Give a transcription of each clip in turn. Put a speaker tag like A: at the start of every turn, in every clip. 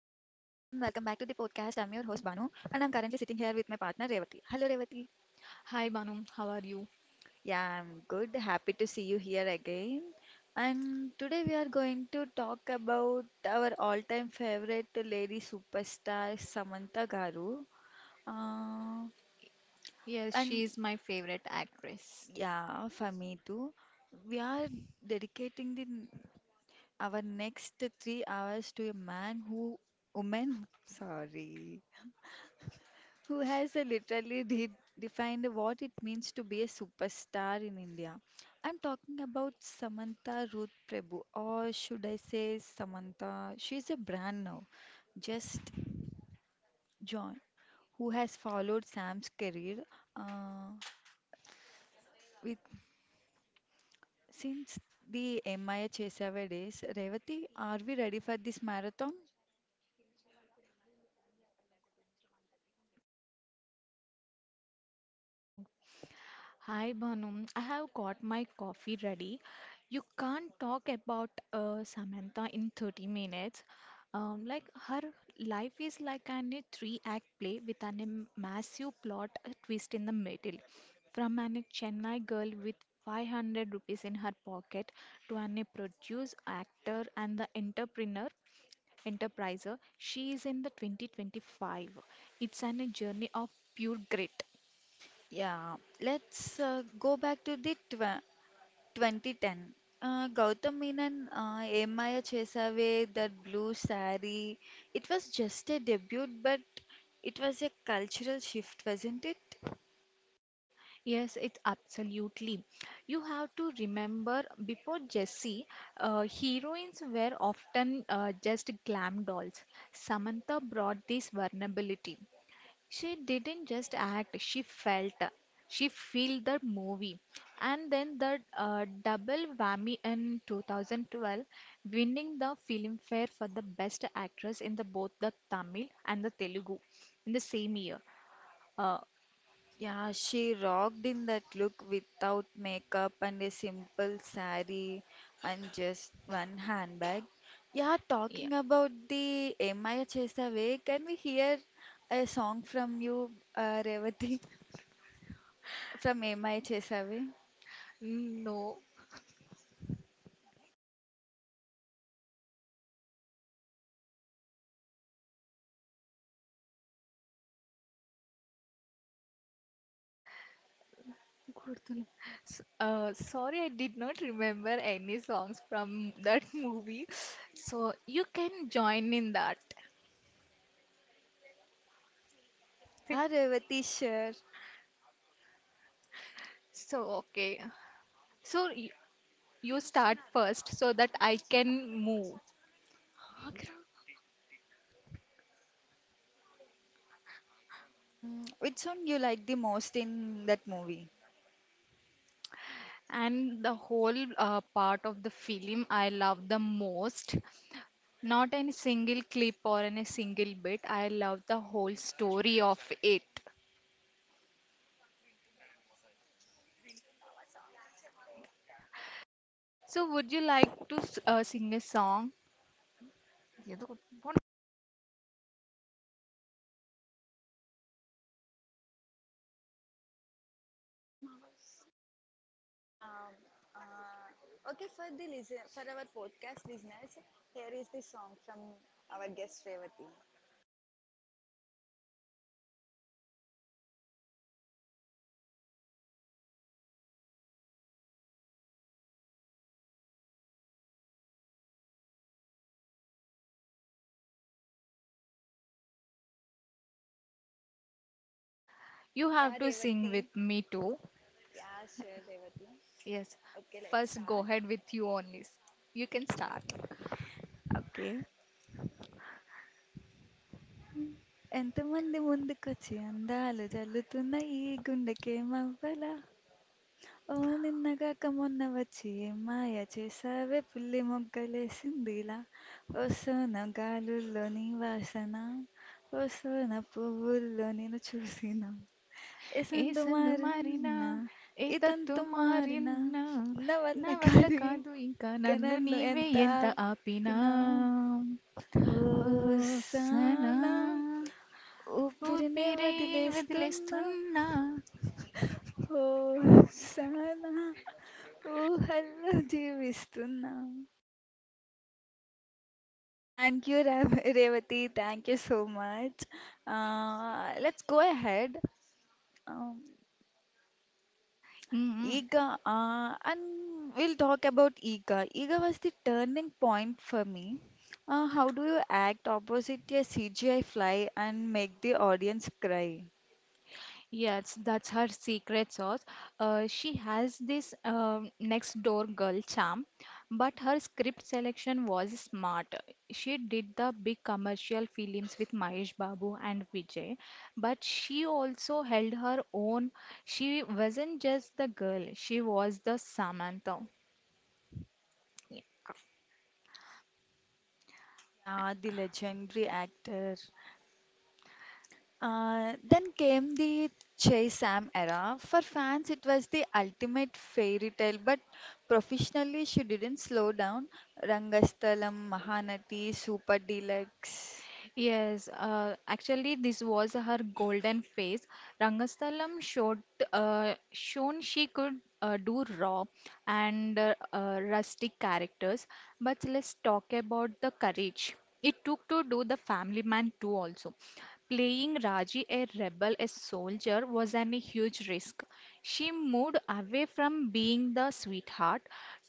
A: Banu and I'm currently sitting here with my partner Revati. Hello Revati.
B: Hi Banu, how are you?
A: Yeah, I'm good. Happy to see you here again. And today we are going to talk about our all-time favorite lady superstar Samantha Garu. Uh,
B: Yes,
A: and
B: she is my favorite actress.
A: yeah, for me too. We are dedicating the our next 3 hours to a man who woman sorry who has literally defined what it means to be a superstar in India. I'm talking about Samantha Ruth Prabhu, or should I say Samantha? She's a brand now, just John, who has followed Sam's career uh, with since the MIA Chesave days. Revati, are we ready for this marathon?
B: Hi Bhanum, I have got my coffee ready. You can't talk about Samantha in 30 minutes. Like her life is like a three-act play with a massive plot twist in the middle. From a Chennai girl with 500 rupees in her pocket to a produce actor and the entrepreneur enterpriser, she is in the 2025. It's a journey of pure grit.
A: Yeah, let's go back to the tw 2010. Gautam Menon, Ye Maaya Chesave, that blue sari. It was just a debut, but it was a cultural shift, wasn't it?
B: Yes, it's absolutely. You have to remember before Jessie, heroines were often just glam dolls. Samantha brought this vulnerability. She didn't just act, she felt. She felt the movie. And then the double whammy in 2012, winning the Filmfare for the Best Actress in the both the Tamil and the Telugu in the same year. Uh,
A: Yeah, she rocked in that look without makeup and a simple sari and just one handbag. Yeah,
B: yeah.
A: talking about the Ye Maaya Chesave, can we hear a song from you, Revati? From MI Chesavi.
B: No. Gurtala. Sorry, I did not remember any songs from that movie. So you can join in that.
A: Yeah, Revati Sher.
B: So, okay. So y- you start first so that I can move.
A: Mm, which song you like the most in that movie?
B: And the whole part of the film I love the most. Not any single clip or any single bit. I love the whole story of it. So, would you like to sing a song?
A: Yeah. Okay, for our podcast listeners, here is the song from our guest Revati.
B: You have
A: Yeah,
B: to sing with
A: Revati.
B: me too.
A: Yeah, sure, Revati.
B: Yes,
A: Okay, let's
B: first go
A: start.
B: ahead with you only. You can start.
A: Okay ఎంతమంది ముందుకొచ్చి అందాలు జల్లుతున్న ఈ గుండెకేమవ్వలా ఓ నిన్నగాక మొన్న వచ్చి ఏం మాయ చేసావే పులి మొగ్గలేసిందిలా ఓ సోన గాలుల్లో నీ వాసన ఓ సోన పువ్వుల్లో నేను చూసిన ఏ
B: ఏ
A: సందు
B: సందు మారినా
A: మారినా
B: ఏ
A: ఈ
B: తత్తు
A: తంతు మారినా
B: మారినా
A: నా వల్ల
B: నా వల్ల
A: కాదు
B: కాదు ఇంకా
A: ఇంక
B: నన్ను
A: నన్ను
B: నీవే
A: ఎంత
B: ఎంత ఆపినా
A: ఆపినా
B: ఓ సనా
A: హోసానా ఊపిరినే
B: ఊపిరే
A: వదిలేస్తున్నా
B: వదిలేస్తున్నా.
A: హోసానా, oh ఊహల్లో జీవిస్తున్నా. Thank you you Reva, thank you so much. Much. Let's go ahead. Um, ఈగ, and we'll talk about ఈగ. ఈగ was the turning point for me. How do you act opposite a CGI fly and make the audience cry?
B: Yes, that's her secret sauce. She has this next door girl charm, but her script selection was smart. She did the big commercial films with Mahesh Babu and Vijay, but she also held her own. She wasn't just the girl, she was the Samantha.
A: Yeah, the legendary actor. Then came the Chey Sam era. For fans, it was the ultimate fairy tale, but professionally, she didn't slow down. Rangasthalam, Mahanati, Super Deluxe.
B: Yes, actually, this was her golden phase. Rangasthalam shown she could do raw and rustic characters. But let's talk about the courage it took to do the Family Man too. Also. Playing Raji, a rebel, a soldier, was an huge risk. She moved away from being the sweetheart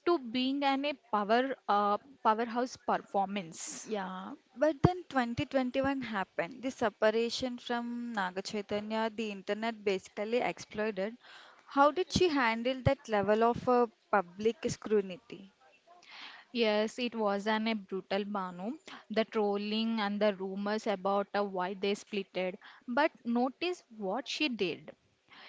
B: to being an a powerhouse performance.
A: Yeah, but then 2021 happened. The separation from Naga Chaitanya, the internet basically exploded. How did she handle that level of public scrutiny?
B: Yes, it was an a brutal Banu. The trolling and the rumors about why they splitted. But notice what she did.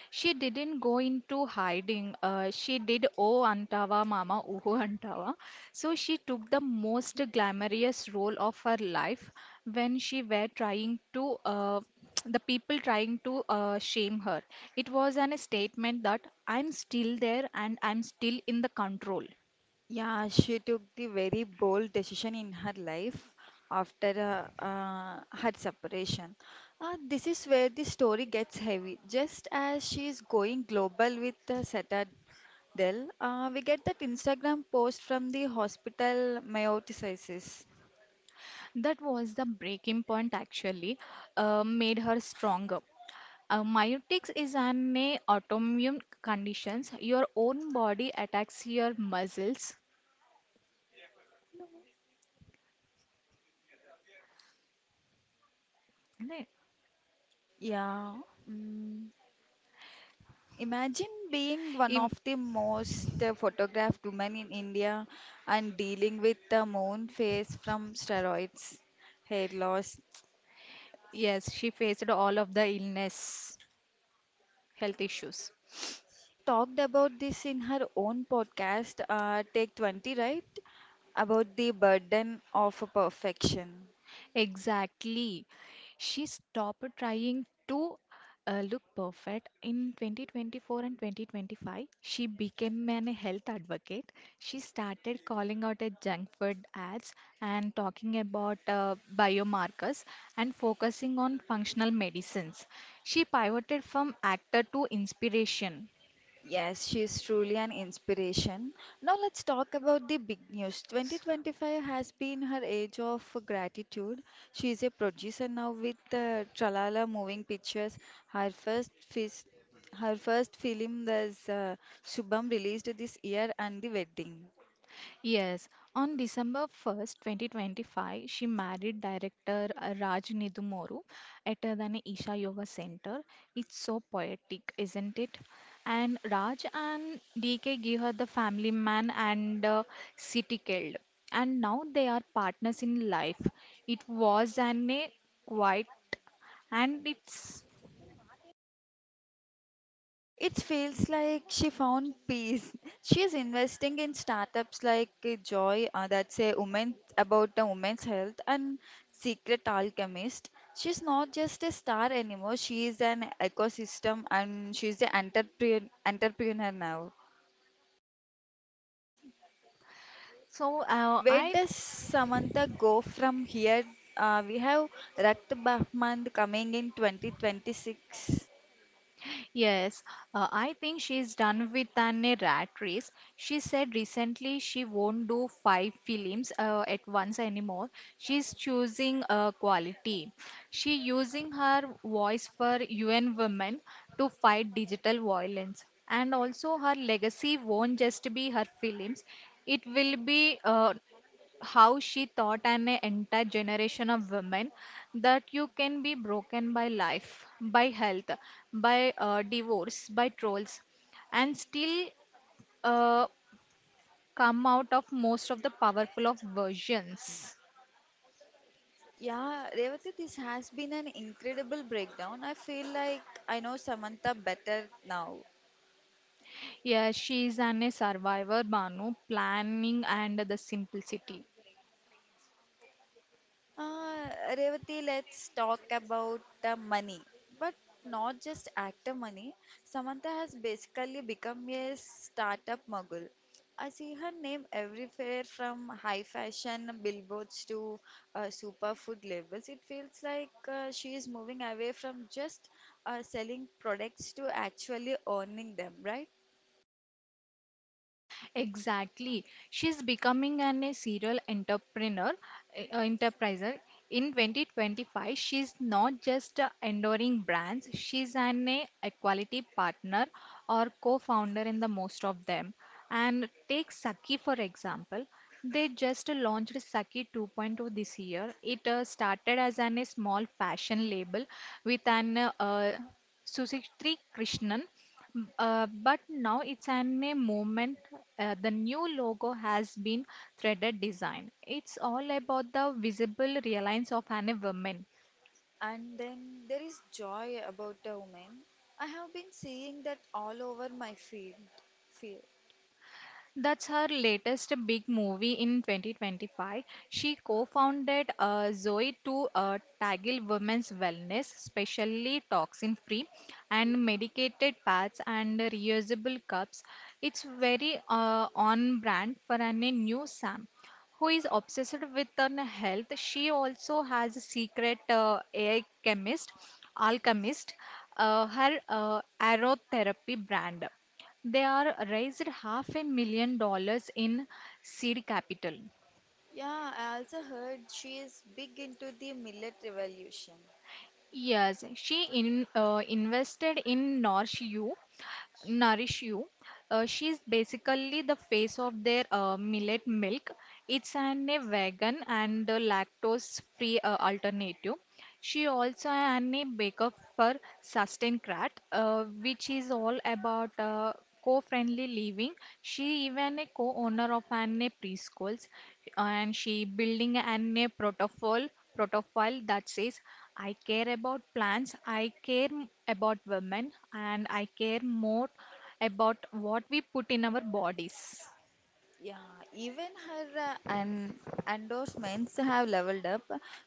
B: She didn't go into hiding. She did oh antava mama uhu antava. So she took the most glamorous role of her life when she were trying to the people trying to shame her. It was an statement that I'm still there and I'm still in the control.
A: Yeah, she took the very bold decision in her life after her separation. This is where the story gets heavy. Just as she is going global with Citadel, we get that Instagram post from the hospital meioticizes.
B: That was the breaking point actually made her stronger. Myotics is an autoimmune conditions. Your own body attacks your muscles. is
A: Yeah. Mm. Imagine being one
B: Im-
A: of the most photographed women in India and dealing with the moon phase from steroids, hair loss.
B: yes, she faced all of the illness, health issues.
A: She talked about this in her own podcast, Take 20, right? About the burden of perfection.
B: Exactly. She stopped trying to look perfect. In 2024 and 2025, she became an health advocate. She started calling out at junk food ads and talking about biomarkers and focusing on functional medicines. She pivoted from actor to inspiration.
A: Yes, she is truly an inspiration. Now let's talk about the big news. 2025 has been her age of gratitude. She is a producer now with Tralala Moving Pictures. Her first fis- Her first film was Subham, released this year, and The Wedding.
B: Yes, on December 1st, 2025, she married director Raj Nidumoru at the Isha Yoga Center. It's so poetic, isn't it? And Raj and DK gave her the family man and city killed. And now they are partners in life. It was an a quite and it's
A: It feels like she found peace. She is investing in startups like Joy, that's a woman about a woman's health, and Secret Alchemist. She's not just a star anymore. She is an ecosystem, and she's the entrepreneur now.
B: so
A: Where
B: I
A: does Samantha go from here? We have Rakt Bahmand coming in 2026.
B: Yes, I think she's done with an a rat race. She said recently she won't do five films at once anymore. She's choosing quality. She using her voice for UN women to fight digital violence. And also her legacy won't just be her films. It will be how she taught an entire generation of women that you can be broken by life, by health, by divorce, by trolls, and still uh, come out of most of the powerful of versions.
A: Yeah, Revati, this has been an incredible breakdown. I feel like I know Samantha better now.
B: Yeah, she is an, a survivor, Banu, planning and the simplicity.
A: Revati, let's talk about the money, but not just actor money. Samantha has basically become a startup mogul. I see her name everywhere, from high fashion billboards to superfood labels. It feels like she is moving away from just selling products to actually owning them, right?
B: Exactly. She's becoming an a serial entrepreneur, enterpriser. In 2025, she's not just enduring brands, she's an a equality partner or co-founder in the most of them. And take Saki for example. They just launched Saki 2.0 this year. It started as an, a small fashion label with an Susitri Krishnan, but now it's an a moment. The new logo has been threaded design. It's all about the visible reliance of an woman.
A: And then there is Joy about a woman. I have been seeing that all over my field.
B: That's her latest big movie in 2025. She co-founded Zoe to tackle women's wellness, especially toxin-free and medicated pads and reusable cups. It's very on-brand for an, a new Sam who is obsessed with her health. She also has a secret AI chemist, alchemist, her aromatherapy brand. They are raised half a million dollars in seed capital.
A: Yeah, I also heard she is big into the millet revolution.
B: Yes, she invested in Nourish You. Nourish You. She is basically the face of their millet milk. It's an a vegan and lactose free alternative. She also an a baker for Sustaincat, which is all about co-friendly living. She even a co-owner of an a preschools, and she building an a protocol profile that says I care about plants, I care about women, and I care more about what we put in our bodies.
A: Yeah, even her an endorsements have leveled up.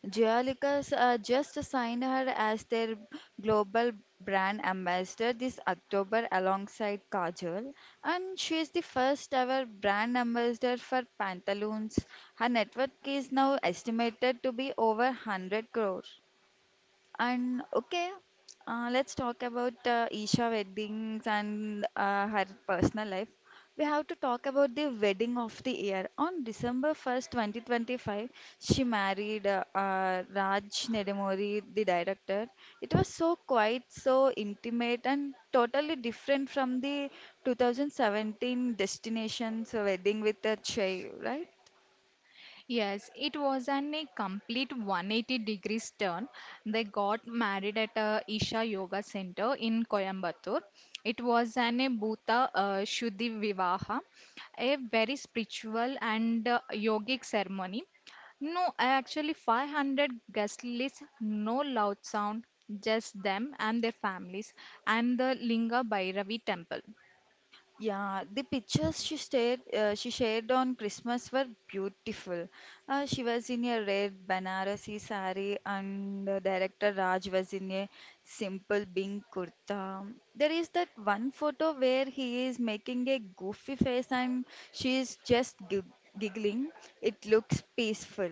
A: Geolicus just signed her as their global brand ambassador this October alongside Kajol, and she is the first ever brand ambassador for Pantaloons. Her net worth is now estimated to be over 100 crore. And okay, let's talk about Isha weddings and her personal life. We have to talk about the wedding of the year. On December 1st, 2025, she married Raj Nedamori, the director. It was so quiet, so intimate, and totally different from the 2017 Destination's wedding with a Chai, right?
B: Yes, it was an a complete 180 degrees turn. They got married at a Isha Yoga Center in Coimbatore. It was an a Bhuta Shuddhi Vivaha, a very spiritual and yogic ceremony. No, actually 500 guest list, no loud sound, just them and their families and the Linga Bhairavi temple.
A: Yeah, the pictures she shared on Christmas were beautiful. She was in a red Banarasi sari, and director Raj was in a simple pink kurta. There is that one photo where he is making a goofy face and she is just giggling. It looks peaceful.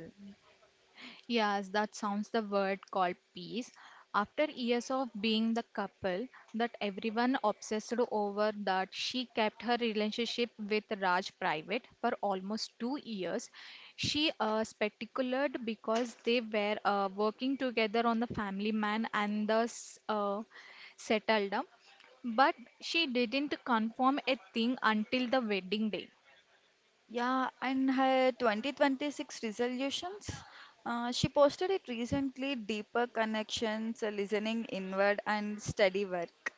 B: Yes, that sounds the word called peace. After years of being the couple that everyone obsessed over, that she kept her relationship with Raj private for almost 2 years. She speculated because they were working together on the family man and thus settled down. But she didn't confirm a thing until the wedding day.
A: Yeah, and her 2026 resolutions. She posted it recently: deeper connections, listening inward, and steady work.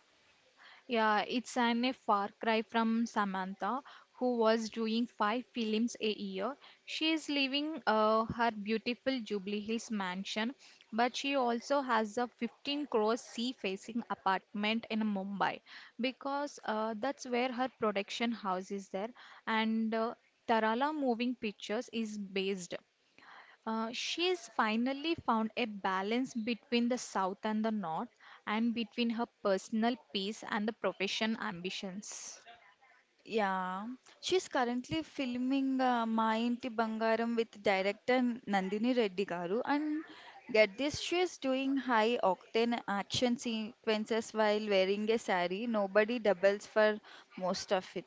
B: Yeah, it's an a far cry from Samantha, who was doing five films a year. She is living her beautiful Jubilee Hills mansion, but she also has a 15 crore sea-facing apartment in Mumbai because that's where her production house is there, and Tarala Moving Pictures is based. She's finally found a balance between the South and the North, and between her personal peace and the profession ambitions.
A: Yeah, she's currently filming Ma Inti Bangaram with director Nandini Reddy garu, and get this, she is doing high octane action sequences while wearing a sari. Nobody doubles for most of it.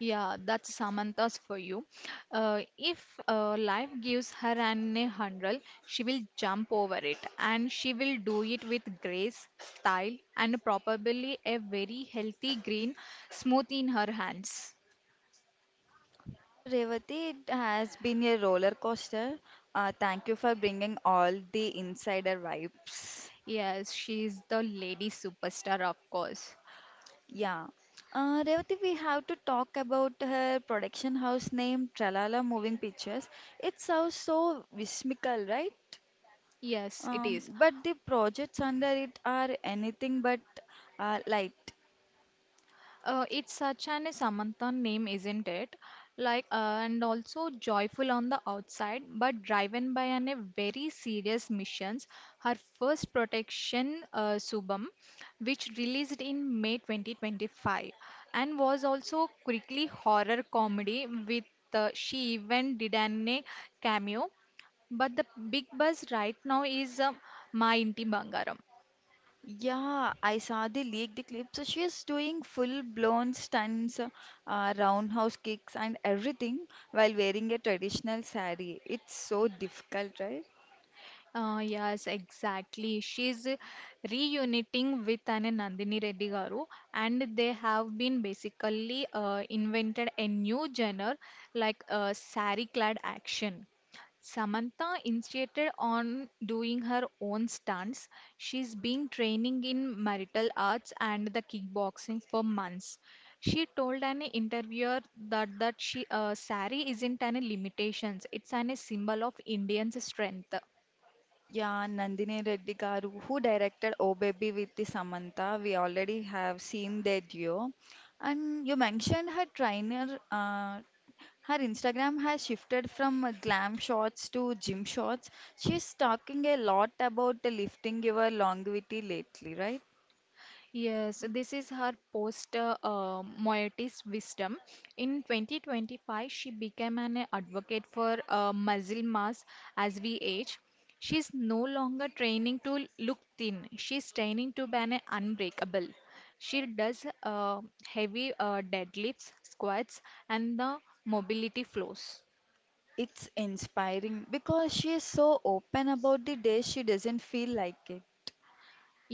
B: Yeah, that's Samantha's for you. If life gives her an a hurdle, she will jump over it, and she will do it with grace, style, and probably a very healthy green smooth in her hands.
A: Ah, Revati, it has been a roller coaster. Thank you for bringing all the insider vibes.
B: Yes, she is the lady superstar, of course.
A: Yeah. Revati, we have to talk about her production house name, Tralala Moving Pictures. It sounds so whimsical, right?
B: Yes, it is.
A: But the projects under it are anything but light.
B: It's such an Samantan name, isn't it? And also joyful on the outside, but driven by an, a very serious missions. Her first protection, Subham, which released in May 2025, and was also quickly horror comedy with she even did an a cameo. But the big buzz right now is Ma Inti Bangaram.
A: Yeah, I saw the leaked the clip. So she's doing full blown stunts, roundhouse kicks, and everything while wearing a traditional saree. It's so difficult, right?
B: Yes, exactly. She's reuniting with an Nandini Reddy Garu, and they have been basically invented a new genre like sari clad action. Samantha insisted on doing her own stunts. She's been training in marital arts and the kickboxing for months. She told an interviewer that she sari isn't an limitations. It's an symbol of Indian strength.
A: Yeah, Nandini Reddy garu, who directed Oh Baby with the Samantha, we already have seen their duo. And you mentioned her trainer. Uh, her Instagram has shifted from glam shots to gym shots. She's talking a lot about lifting your longevity lately, right?
B: Yes, this is her post Moieties wisdom. In 2025, she became an advocate for muscle mass as we age. She's no longer training to look thin, she's training to be an unbreakable. She does heavy deadlifts, squats, and the mobility flows.
A: It's inspiring because she is so open about the days she doesn't feel like it.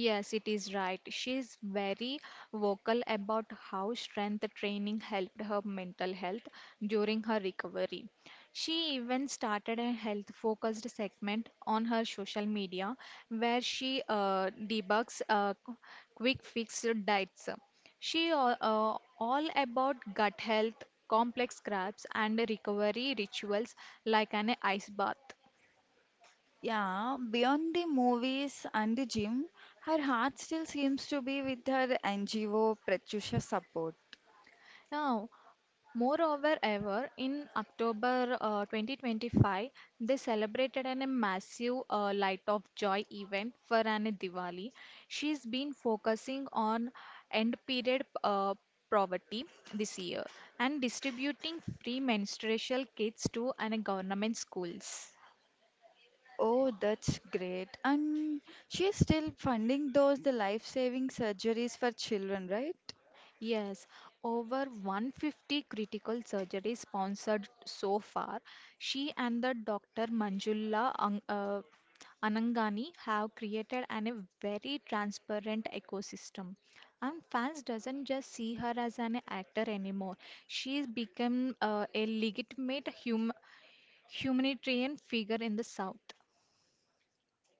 B: Yes, it is right. She is very vocal about how strength training helped her mental health during her recovery. She even started a health focused segment on her social media where she debugs quick fix diets. She all about gut health, complex crabs, and recovery rituals like an ice bath.
A: Yeah, beyond the movies and the gym, her heart still seems to be with her NGO Pratyusha support.
B: Now, moreover, ever in October 2025, they celebrated a massive Light of Joy event for an Diwali. She's been focusing on end period poverty this year and distributing free menstrual kits to an government schools.
A: Oh, that's great. And she is still funding those the life-saving surgeries for children, right?
B: Yes, over 150 critical surgeries sponsored so far. She and the Dr. Anangani have created an, a very transparent ecosystem. And fans doesn't just see her as an actor anymore. She's become a legitimate humanitarian figure in the South.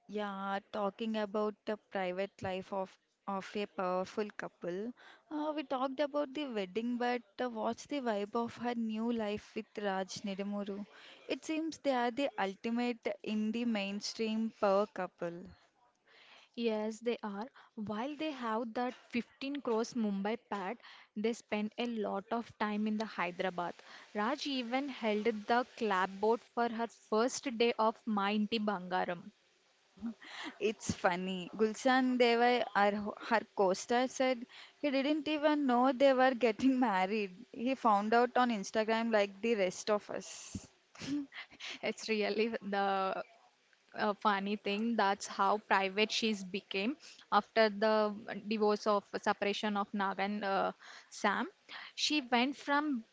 A: Yeah, talking about the private life of a powerful couple. We talked about the wedding, but what's the vibe of her new life with Raj Nedamuru? It seems they are the ultimate in the mainstream power couple.
B: Yes, they are. While they have that 15 crores Mumbai pad, they spend a lot of time in the Hyderabad. Raj even held the clapboard for her first day of Ma Inti Bangaram.
A: It's funny. Gulshan Deva, our, her co-star, said he didn't even know they were getting married. He found out on Instagram like the rest of us.
B: It's really the funny thing. That's how private she's became after the divorce of separation of Nag and Sam. She went from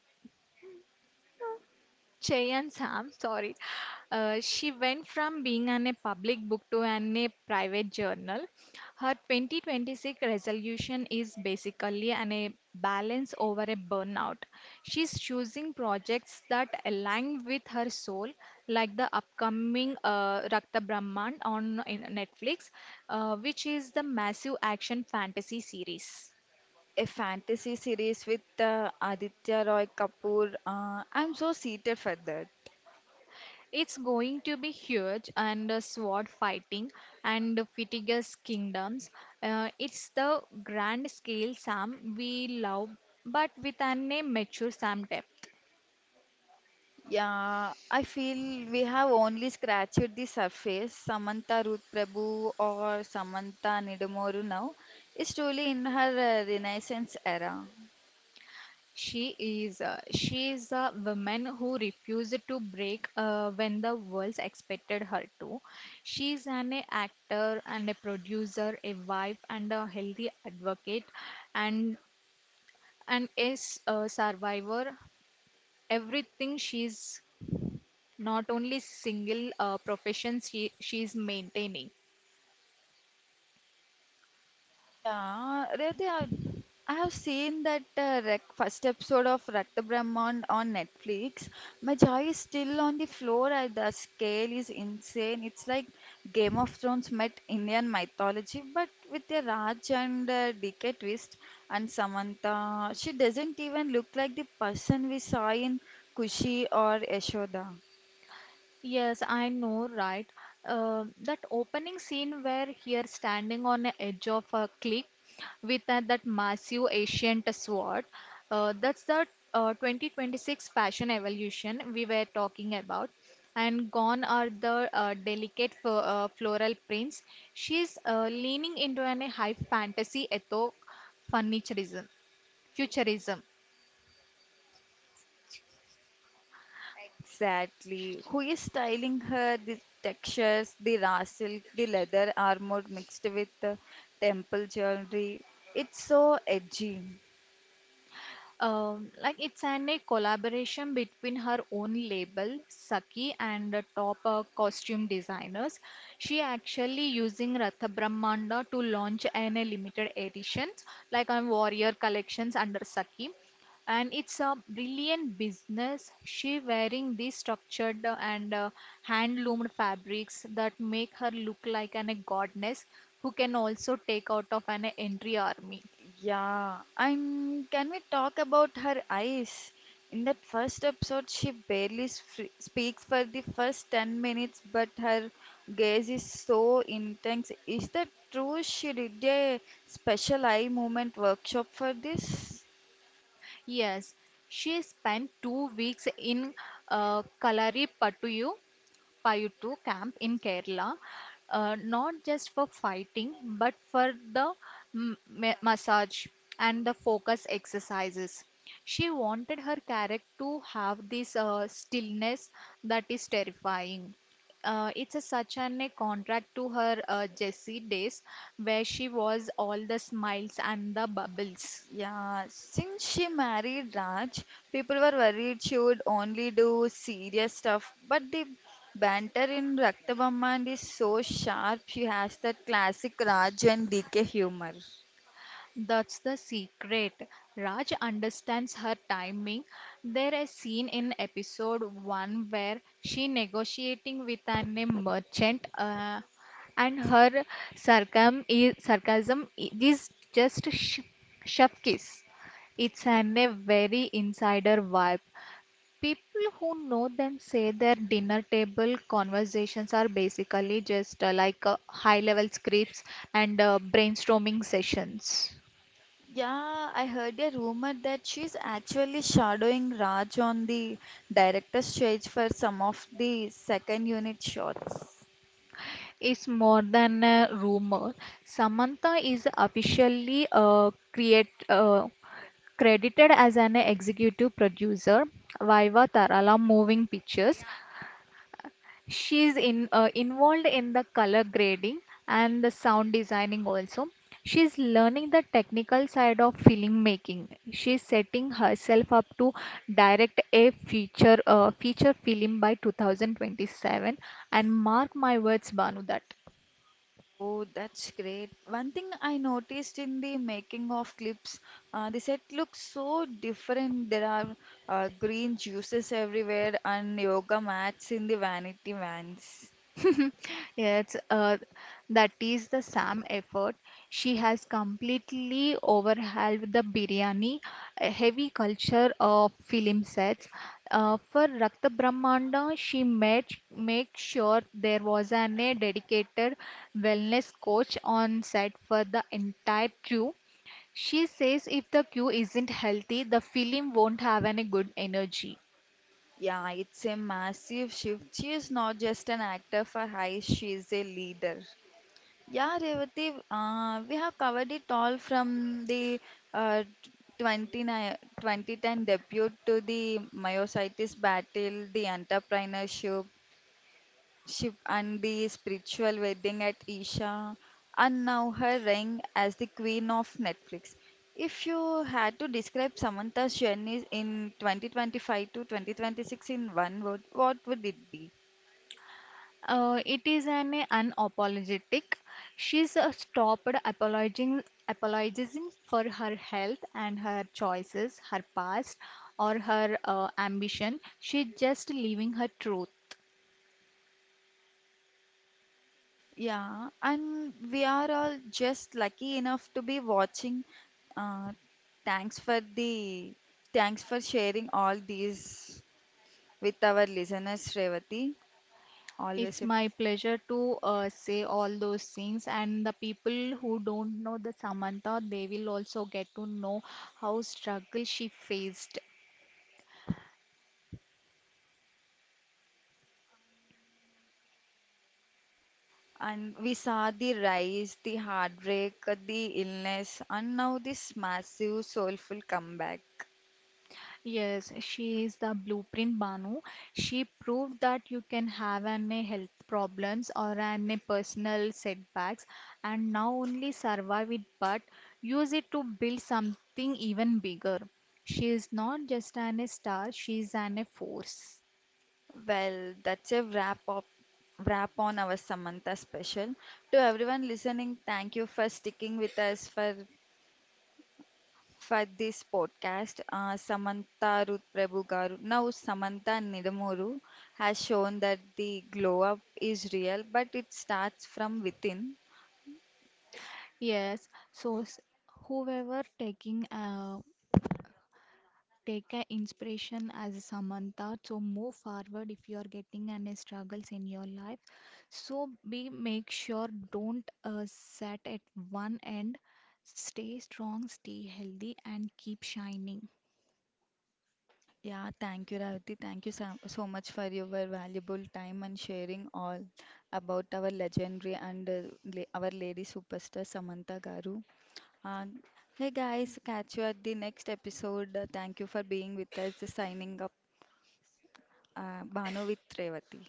B: Cheyan Sam, sorry. She went from being on a public book to an a private journal. Her 2026 resolution is basically an a balance over a burnout. She's choosing projects that align with her soul, like the upcoming Rakta Brahman on in Netflix, which is the massive action fantasy series.
A: A fantasy series with Aditya Roy Kapoor. I'm so seated for that.
B: It's going to be huge and sword fighting and Fitigas kingdoms. It's the grand scale Sam we love, but with an mature Sam depth.
A: Yeah, I feel we have only scratched the surface. Samantha Ruth Prabhu, or Samantha Nidamoru now, is truly in her Renaissance era.
B: She is a woman who refused to break when the world expected her to. She is an actor and a producer, a wife and a healthy advocate, and and is a survivor. Everything she's not only single profession she's maintaining.
A: Yeah, Revati, I have seen that first episode of Rakta Brahman on Netflix. My jaw is still on the floor. I, the scale is insane. It's like Game of Thrones met Indian mythology, but with a Raj and DK twist. And Samantha, she doesn't even look like the person we saw in Kushi or Yashoda.
B: Yes, I know, right? That opening scene where here standing on the edge of a cliff with that massive ancient sword, that's the 2026 fashion evolution we were talking about. And gone are the delicate f floral prints. She's leaning into an high fantasy etho furniturism, futurism.
A: Exactly. Who is styling her? The textures, the raw silk, the leather armor mixed with the temple jewelry. It's so edgy.
B: Like it's an a collaboration between her own label Saki and the top costume designers. She actually using Ratha Brahmanda to launch an a limited editions like on Warrior collections under Saki. And it's a brilliant business. She wearing these structured and hand loomed fabrics that make her look like an a goddess who can also take out of an entry army.
A: Yeah. And can we talk about her eyes? In that first episode, she barely speaks for the first 10 minutes, but her gaze is so intense. Is that true? She did a special eye movement workshop for this?
B: Yes, she spent 2 weeks in Kalaripattu Payuttu camp in Kerala, not just for fighting, but for the massage and the focus exercises. She wanted her character to have this stillness that is terrifying. It's such an a contract to her Jessie days, where she was all the smiles and the bubbles.
A: Yeah, since she married Raj, people were worried she would only do serious stuff. But the banter in Raktabamman is so sharp, she has that classic Raj and DK humor.
B: That's the secret. Raj understands her timing. There is scene in episode 1 where she negotiating with an a merchant and her sarcasm is just shove kiss. It's an a very insider vibe. People who know them say their dinner table conversations are basically just like high level scripts and brainstorming sessions.
A: Yeah, I heard a rumor that she's actually shadowing Raj on the director's stage for some of the second unit shots.
B: Is more than a rumor. Samantha is officially credited as an executive producer, Viva Tarala Moving Pictures. She's involved in the color grading and the sound designing also. She's learning the technical side of filmmaking. She is setting herself up to direct a feature feature film by 2027. And mark my words, Banu, that
A: Oh, that's great. One thing I noticed in the making of clips, the set looks so different. There are green juices everywhere and yoga mats in the vanity vans.
B: yes, that is the Sam effort. She has completely overhauled the biryani, a heavy culture of film sets. For Rakta Brahmanda, she made make sure there was a dedicated wellness coach on set for the entire crew. She says if the crew isn't healthy, the film won't have any good energy.
A: Yeah, it's a massive shift. She is not just an actor for high, she is a leader. Yeah, Revati, we have covered it all, from the uh, 29 debut to the myositis battle, the entrepreneurship, Shiv and the spiritual wedding at Isha, and now her reign as the queen of Netflix. If you had to describe Samantha's journey in 2025 to 2026 in one word, what would it be?
B: It is an unapologetic. She's apologizing for her health and her choices, her past, or her ambition. She's just living her truth.
A: Yeah, and we are all just lucky enough to be watching. Uh, Thanks for the thanks for sharing all these with our listeners, Revati.
B: It's
A: Always a.
B: my pleasure to say all those things, and the people who don't know the Samantha, they will also get to know how struggle she faced.
A: And we saw the rise, the heartbreak, the illness, and now this massive soulful comeback.
B: Yes, she is the blueprint Banu. She proved that you can have an a health problems or an a personal setbacks and now only survive it but use it to build something even bigger. She is not just an a star, she is an a force.
A: Well, that's a wrap on our Samantha special. To everyone listening, thank you for sticking with us for this podcast. Samantha Ruth Prabhu Garu, now Samantha Nidamuru, has shown that the glow up is real, but it starts from within.
B: Yes, whoever taking take a inspiration as Samantha. So move forward if you are getting any struggles in your life. So be make sure don't set at one end. Stay strong, stay healthy, and keep shining.
A: Yeah, thank you, Ravi. Thank you so, so much for your valuable time and sharing all about our legendary and our lady superstar Samantha Garu. And hey guys, catch you at the next episode. Thank you for being with us. Signing up, Bano with Revati.